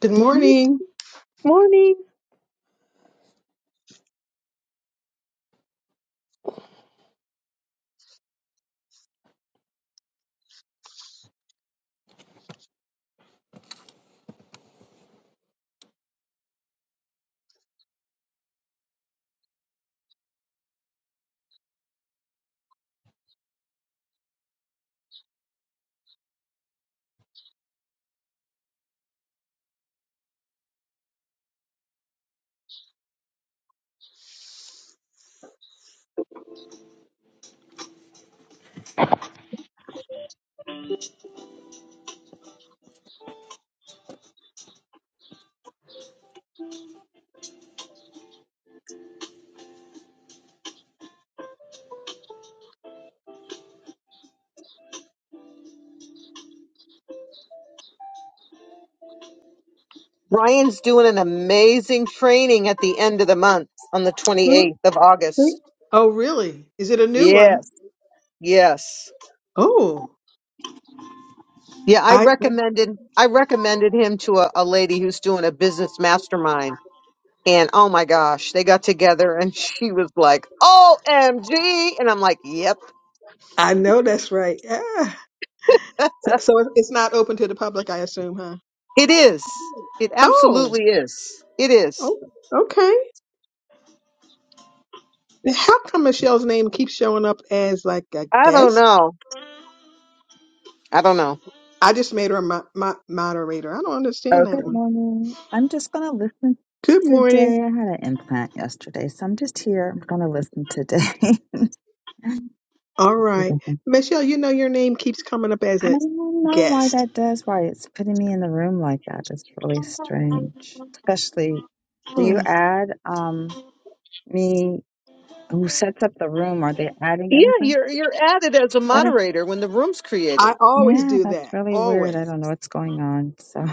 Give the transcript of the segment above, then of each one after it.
Good morning. Morning. Ryan's doing an amazing training at the end of the month on the Who- 28th of August. who- Oh, really? Is it a new Yes, one? yes. Oh, Yeah, I I recommended I recommended him to a, a lady who's doing a business mastermind. And oh my gosh, they got together and she was like, OMG. And I'm like, yep, I know that's right. Yeah. So, so it- it's not open to the public, I assume, huh? it is. It Oh, absolutely is. It is. oh, okay. How come Michelle's name keeps showing up as like a I don't guest? know. I don't know. I just made her a mo- mo- moderator. I don't understand that Okay. Good one. morning. I'm just going to listen Good today. morning. I had an implant yesterday, so I'm just here. I'm going to listen today. All You right, can think, Michelle. You know your name keeps coming up as I a don't know why guest. that does, why it's putting me in the room like that. It's really strange. Especially, do you Hmm. add um me who sets up the room? Are they adding Yeah, everybody? you're you're added as a That is, moderator when the room's created. I always yeah, do that's that. really weird. I Always. don't know what's going on. So,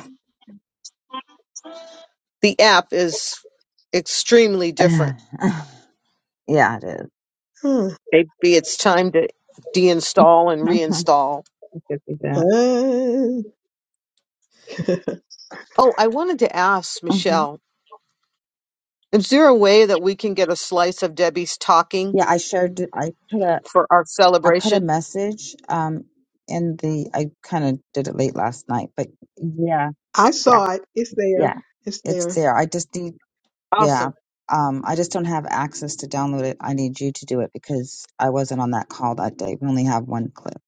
the app is extremely different. yeah, it is. Maybe it's time to deinstall and reinstall. It could be that. Uh, Oh, I wanted to ask hmm Michelle, is there a way that we can get a slice of Debbie's talking Yeah, I shared. I put a for our I put a celebration? message um in the I kind of did it late last night, but yeah, I yeah, saw it. It's yeah. there. It's It's there. there. I just need yeah. Awesome. Um I just don't have access to download it. I need you to do it because I wasn't on that call that day. We only have one clip.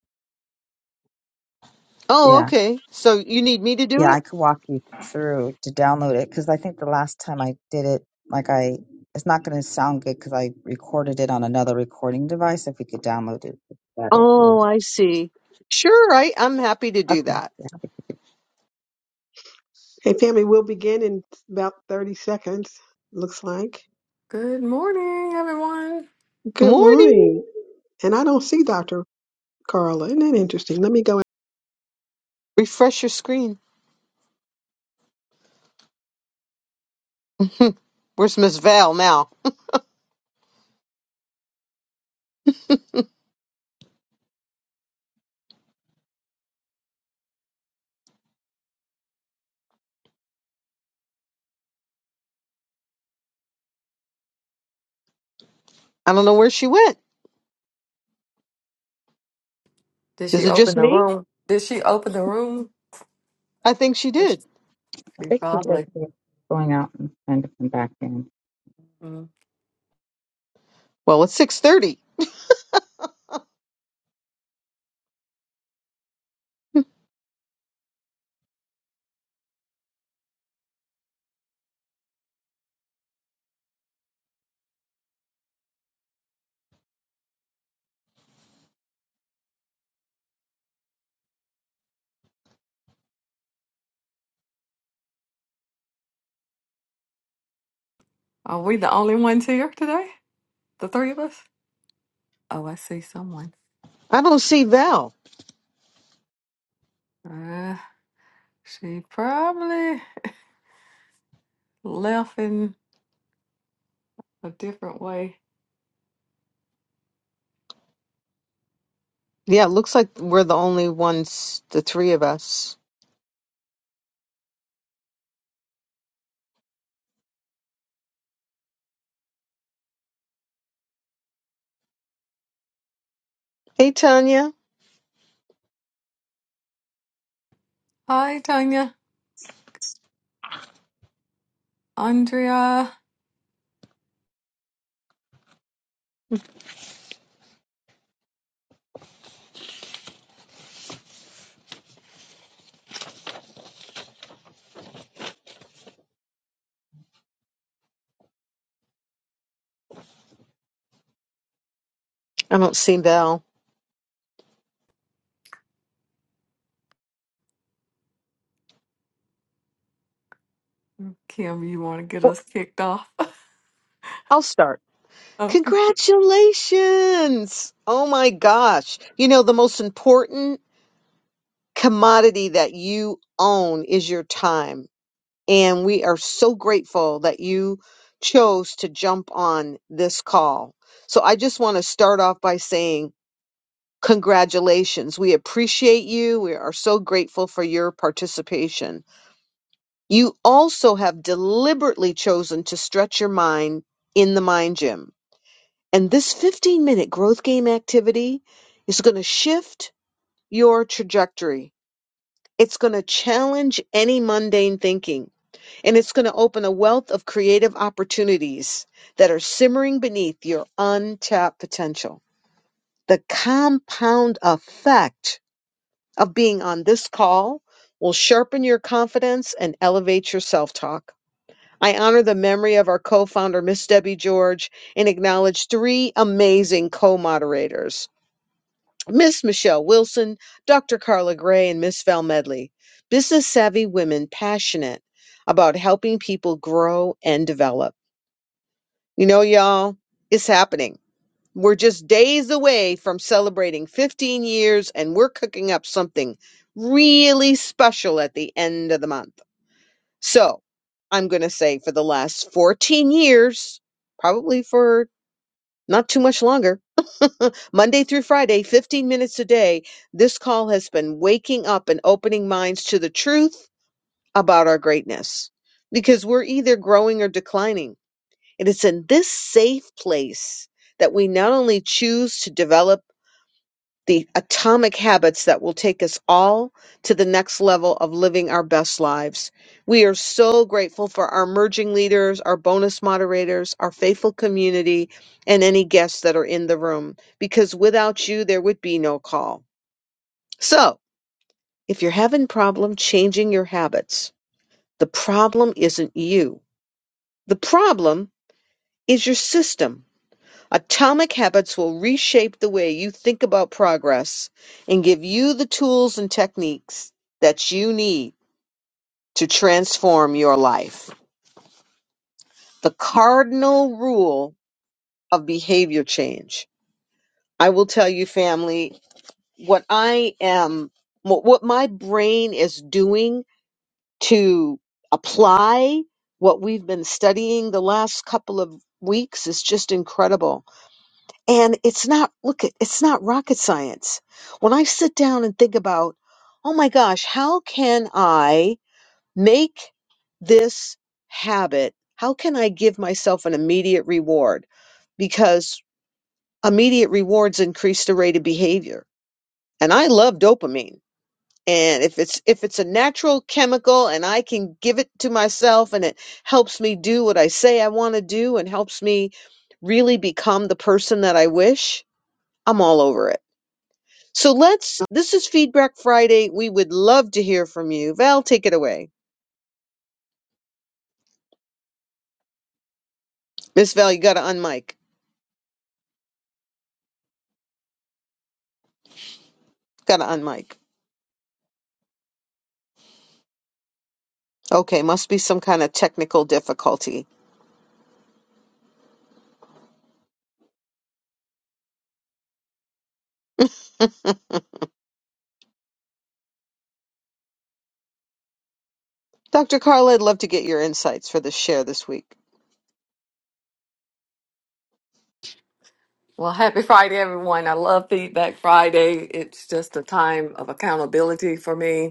Oh, Yeah. okay. So you need me to do Yeah, I it? could walk you through to download it cuz I think the last time I did it like I it's not going to sound good cuz I recorded it on another recording device if we could download it it's better. Yeah. Oh, I see. Sure, I, I'm happy to do Okay. that. Yeah. Hey, family, we'll begin in about 30 seconds, looks like. Good morning, everyone. Good Morning. morning. And I don't see Dr. Carla. Isn't that interesting? Let me go Refresh your screen. Hmm, Where's Miss Val now? I don't know where she went. Did Is she it open just the me? room? Did she open the room? I think she did. She I think she's just probably. going out and trying to come back in. Mm. Well, it's 6:30. Are we the only ones here today? The three of us? Oh, I see someone. I don't see Val. Uh, she probably left in a different way. Yeah, it looks like we're the only ones, the three of us. Hey, Tanya. Hi, Tanya, Andrea, I don't see Val. Kim. You want to get Well, us kicked off? I'll start. okay. Congratulations! Oh my gosh. You know, the most important commodity that you own is your time. And we are so grateful that you chose to jump on this call. So I just want to start off by saying, Congratulations. We appreciate you. We are so grateful for your participation. You also have deliberately chosen to stretch your mind in the mind gym. And this 15 minute growth game activity is going to shift your trajectory. It's going to challenge any mundane thinking and it's going to open a wealth of creative opportunities that are simmering beneath your untapped potential. The compound effect of being on this call will sharpen your confidence and elevate your self talk. I honor the memory of our co founder, Miss Debbie George, and acknowledge three amazing co moderators Miss Michelle Wilson, Dr. Carla Gray, and Miss Val Medley. Business savvy women passionate about helping people grow and develop. You know, y'all, it's happening. We're just days away from celebrating 15 years, and we're cooking up something really special at the end of the month. So I'm going to say for the last 14 years, probably for not too much longer, Monday through Friday, 15 minutes a day, this call has been waking up and opening minds to the truth about our greatness because we're either growing or declining. And it's in this safe place that we not only choose to develop the atomic habits that will take us all to the next level of living our best lives. We are so grateful for our merging leaders, our bonus moderators, our faithful community, and any guests that are in the room, because without you, there would be no call. So, if you're having problem changing your habits, the problem isn't you. The problem is your system. Atomic habits will reshape the way you think about progress and give you the tools and techniques that you need to transform your life. The cardinal rule of behavior change. I will tell you, family, what I am, what what my brain is doing to apply what we've been studying the last couple of weeks is just incredible And it's not, look, it- it's not rocket science. When I sit down and think about, oh my gosh, how can I make this habit? How can I give myself an immediate reward? Because immediate rewards increase the rate of behavior. And I love dopamine. And if it's if it's a natural chemical and I can give it to myself and it helps me do what I say I want to do and helps me really become the person that I wish, I'm all over it. So let's, this is Feedback Friday. We would love to hear from you. Val, take it away. Miss Val, you got to unmic. Got to unmic. Okay, must be some kind of technical difficulty. Dr. Carla, I'd love to get your insights for the share this week. Well, happy Friday, everyone. I love Feedback Friday. It's just a time of accountability for me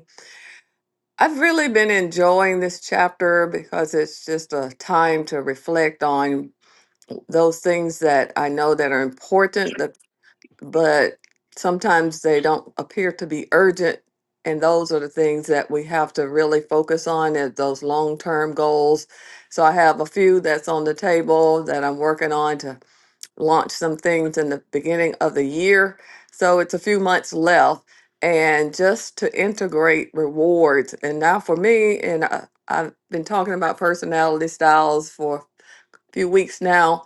I've really been enjoying this chapter because it's just a time to reflect on those things that I know that are important, that- but sometimes they don't appear to be urgent. And those are the things that we have to really focus on as those long term goals. So I have a few that's on the table that I'm working on to launch some things in the beginning of the year. So it's a few months left. And just to integrate rewards. And now for me, and I, I've been talking about personality styles for a few weeks now,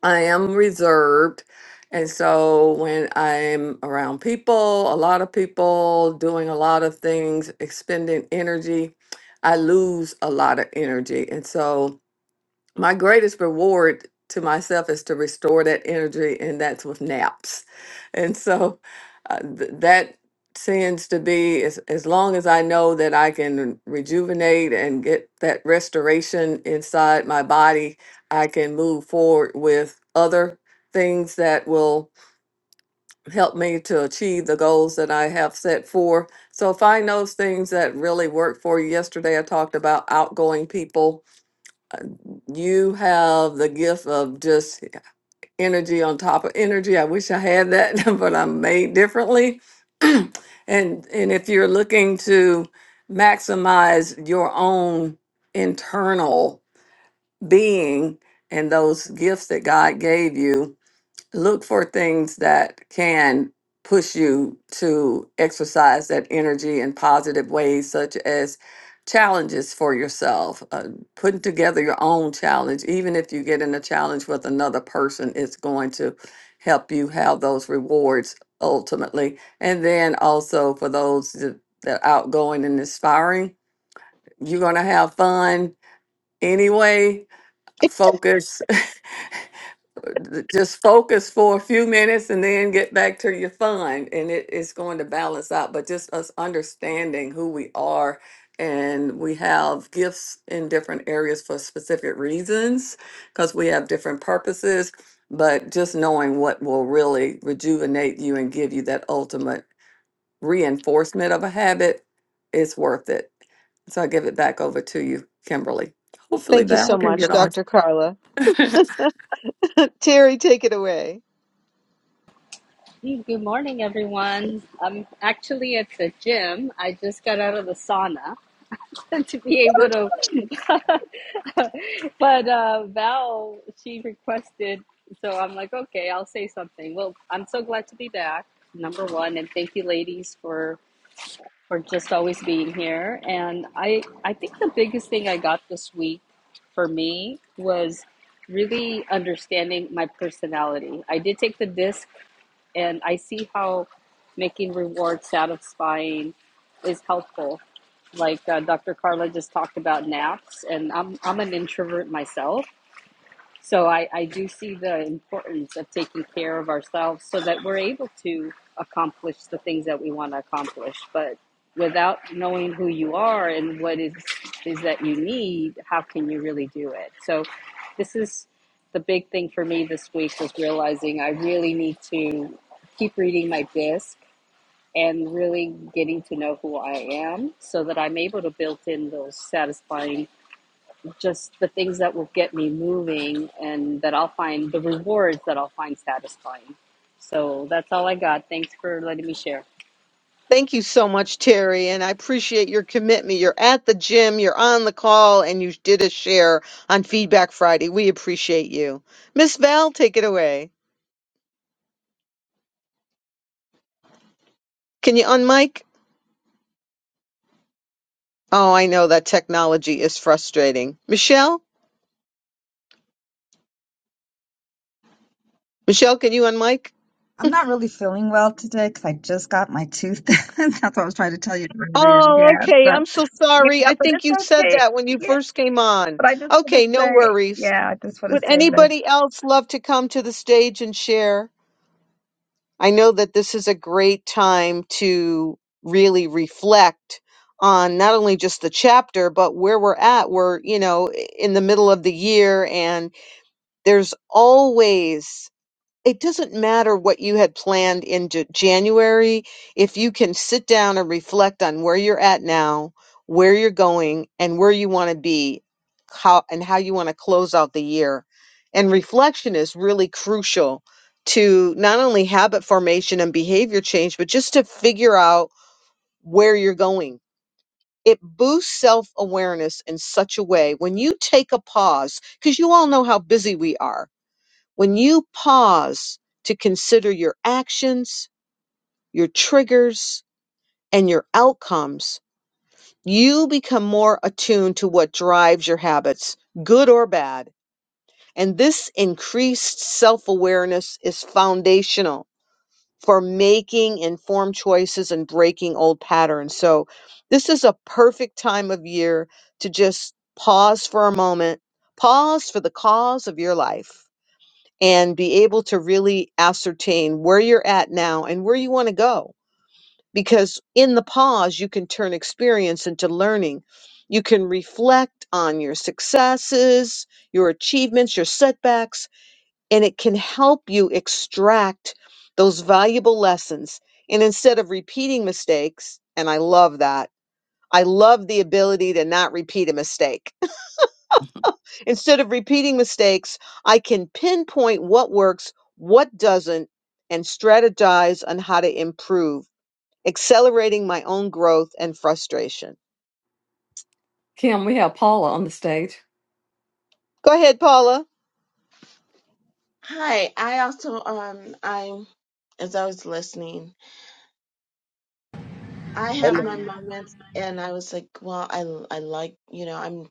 I am reserved. And so when I'm around people, a lot of people, doing a lot of things, expending energy, I lose a lot of energy. And so my greatest reward to myself is to restore that energy and that's with naps and so uh, th- that tends to be as, as long as i know that i can rejuvenate and get that restoration inside my body i can move forward with other things that will help me to achieve the goals that i have set for so find those things that really work for you yesterday i talked about outgoing people uh, you have the gift of just energy on top of energy. I wish I had that, but I'm made differently. and and if you're looking to maximize your own internal being and those gifts that God gave you, look for things that can push you to exercise that energy in positive ways, such as challenges for yourself, uh, putting together your own challenge. Even if you get in a challenge with another person, it's going to help you have those rewards ultimately. And then also for those that that are outgoing and inspiring, you're going to have fun anyway. Focus. just focus for a few minutes and then get back to your fun and it, it's going to balance out but just us understanding who we are and we have gifts in different areas for specific reasons because we have different purposes but just knowing what will really rejuvenate you and give you that ultimate reinforcement of a habit is worth it so i give it back over to you kimberly hopefully Thank you so val can much, get on Dr. Carla. Terry, take it away. Good morning, everyone. I'm actually at the gym. I just got out of the sauna to be able to. but uh, Val, she requested, so I'm like, okay, I'll say something. Well, I'm so glad to be back, number one, and thank you, ladies, for for just always being here. And I I think the biggest thing I got this week for me was really understanding my personality. I did take the disc and I see how making rewards satisfying is helpful. Like uh, Dr. Carla just talked about naps, and I'm I'm an introvert myself, so I, I do see the importance of taking care of ourselves so that we're able to accomplish the things that we want to accomplish. But without knowing who you are and what is is that you need, how can you really do it? So this is the big thing for me this week was realizing I really need to keep reading my disc and really getting to know who I am so that I'm able to build in those satisfying just the things that will get me moving and that I'll find the rewards that I'll find satisfying. So that's all I got. Thanks for letting me share. Thank you so much, Terry, and I appreciate your commitment. You're at the gym, you're on the call, and you did a share on Feedback Friday. We appreciate you. Miss Val, take it away. Can you unmic? Oh, I know that technology is frustrating. Michelle? Michelle, can you unmic? I'm not really feeling well today because I just got my tooth. done. That's what I was trying to tell you earlier. Oh, Yeah, okay. but I'm so yeah, sorry. I but think it's you said okay. that when you Yeah, first came on. but I just want Okay, to no say, worries. yeah, I just want to Would say that. anybody else love to come to the stage and share? I know that this is a great time to really reflect on not only just the chapter, but where we're at. We're, you know, in the middle of the year, and there's always it doesn't matter what you had planned in J- January if you can sit down and reflect on where you're at now, where you're going, and where you want to be, how and how you want to close out the year. And reflection is really crucial to not only habit formation and behavior change, but just to figure out where you're going. It boosts self awareness in such a way when you take a pause, because you all know how busy we are when you pause to consider your actions, your triggers, and your outcomes, you become more attuned to what drives your habits, good or bad. And this increased self awareness is foundational for making informed choices and breaking old patterns. So, this is a perfect time of year to just pause for a moment, pause for the cause of your life and be able to really ascertain where you're at now and where you want to go. Because in the pause, you can turn experience into learning. You can reflect on your successes, your achievements, your setbacks, and it can help you extract those valuable lessons. And instead of repeating mistakes, and I love that, I love the ability to not repeat a mistake Instead of repeating mistakes, I can pinpoint what works, what doesn't, and strategize on how to improve, accelerating my own growth and frustration. kim we have paula on the stage Go ahead, Paula. Hi, I also um I as I was listening, I have Hello. my moments and I was like, well, I I like, you know, I'm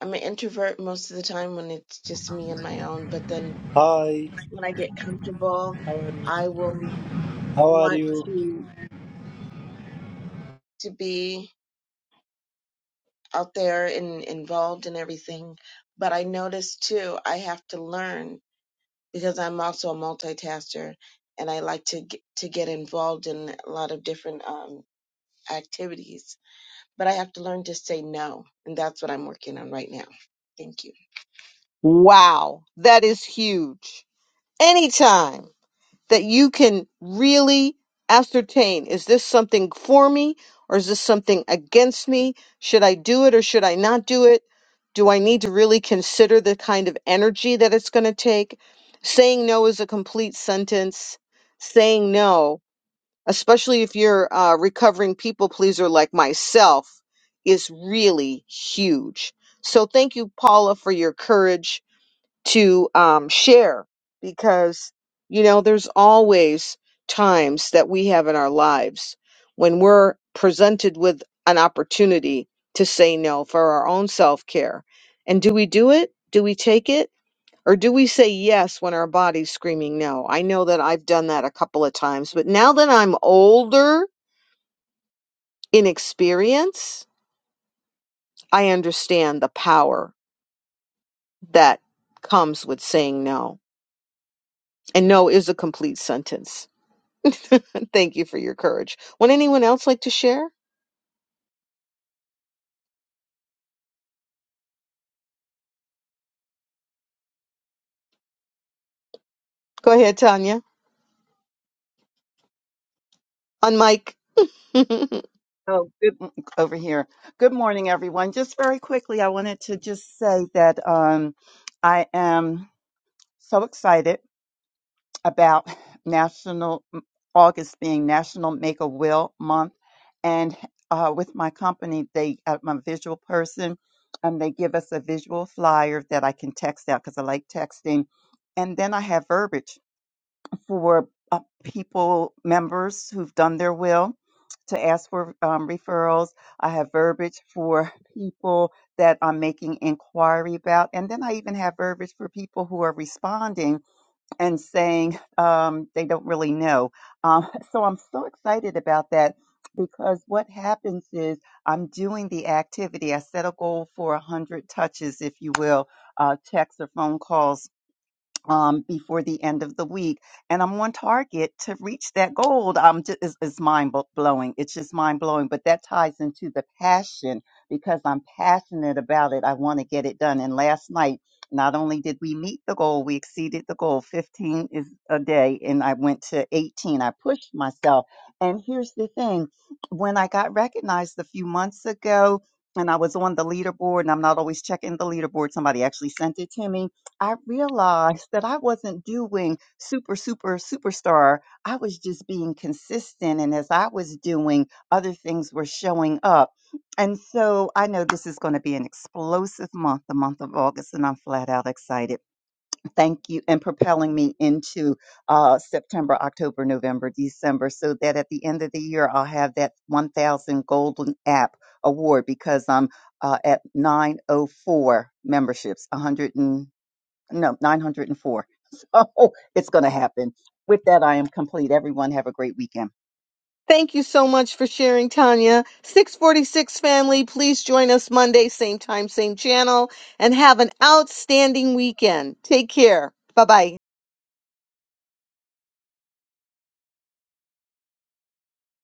I'm an introvert most of the time when it's just me and my own, but then Hi. when I get comfortable, I will How are want you? to to be out there and involved in everything. But I notice too, I have to learn because I'm also a multitasker and I like to get, to get involved in a lot of different um activities but I have to learn to say no. And that's what I'm working on right now. Thank you. Wow, that is huge. Anytime. that you can really ascertain is this something for me or is this something against me? Should I do it or should I not do it? Do I need to really consider the kind of energy that it's going to take? Saying no is a complete sentence. Saying no, especially if you're a recovering people pleaser like myself, is really huge. So thank you, Paula, for your courage to um, share because you know there's always times that we have in our lives when we're presented with an opportunity to say no for our own self-care and do we do it do we take it or do we say yes when our body's screaming no i know that i've done that a couple of times but now that i'm older in experience i understand the power that comes with saying no and no is a complete sentence Thank you for your courage. Would anyone else like to share? Go ahead, Tanya. On mic. Oh, good m- over here. Good morning, everyone. Just very quickly, I wanted to just say that um, I am so excited about National August being National Make a Will Month, and uh, with my company, they uh, I'm a visual person, and they give us a visual flyer that I can text out because I like texting, and then I have verbiage for uh, people, members who've done their will to ask for um, referrals. I have verbiage for people that I'm making inquiry about. And then I even have verbiage for people who are responding and saying um, they don't really know. Um, so I'm so excited about that because what happens is I'm doing the activity. I set a goal for 100 touches, if you will, uh, texts or phone calls um, before the end of the week. And I'm on target to reach that goal. Um, just, it's, it's mind blo- blowing. It's just mind blowing. But that ties into the passion because I'm passionate about it. I want to get it done. And last night, not only did we meet the goal, we exceeded the goal. 15 is a day, and I went to 18. I pushed myself. And here's the thing when I got recognized a few months ago, and I was on the leaderboard, and I'm not always checking the leaderboard. Somebody actually sent it to me I realized that I wasn't doing super, super, superstar. I was just being consistent. And as I was doing, other things were showing up. And so I know this is going to be an explosive month, the month of August, and I'm flat out excited. Thank you, and propelling me into uh, September, October, November, December, so that at the end of the year, I'll have that 1000 Golden App Award because I'm uh, at 904 memberships, 100. and no, 904. So it's going to happen. With that, I am complete. Everyone have a great weekend. Thank you so much for sharing, Tanya. 646 family, please join us Monday, same time, same channel, and have an outstanding weekend. Take care. Bye bye.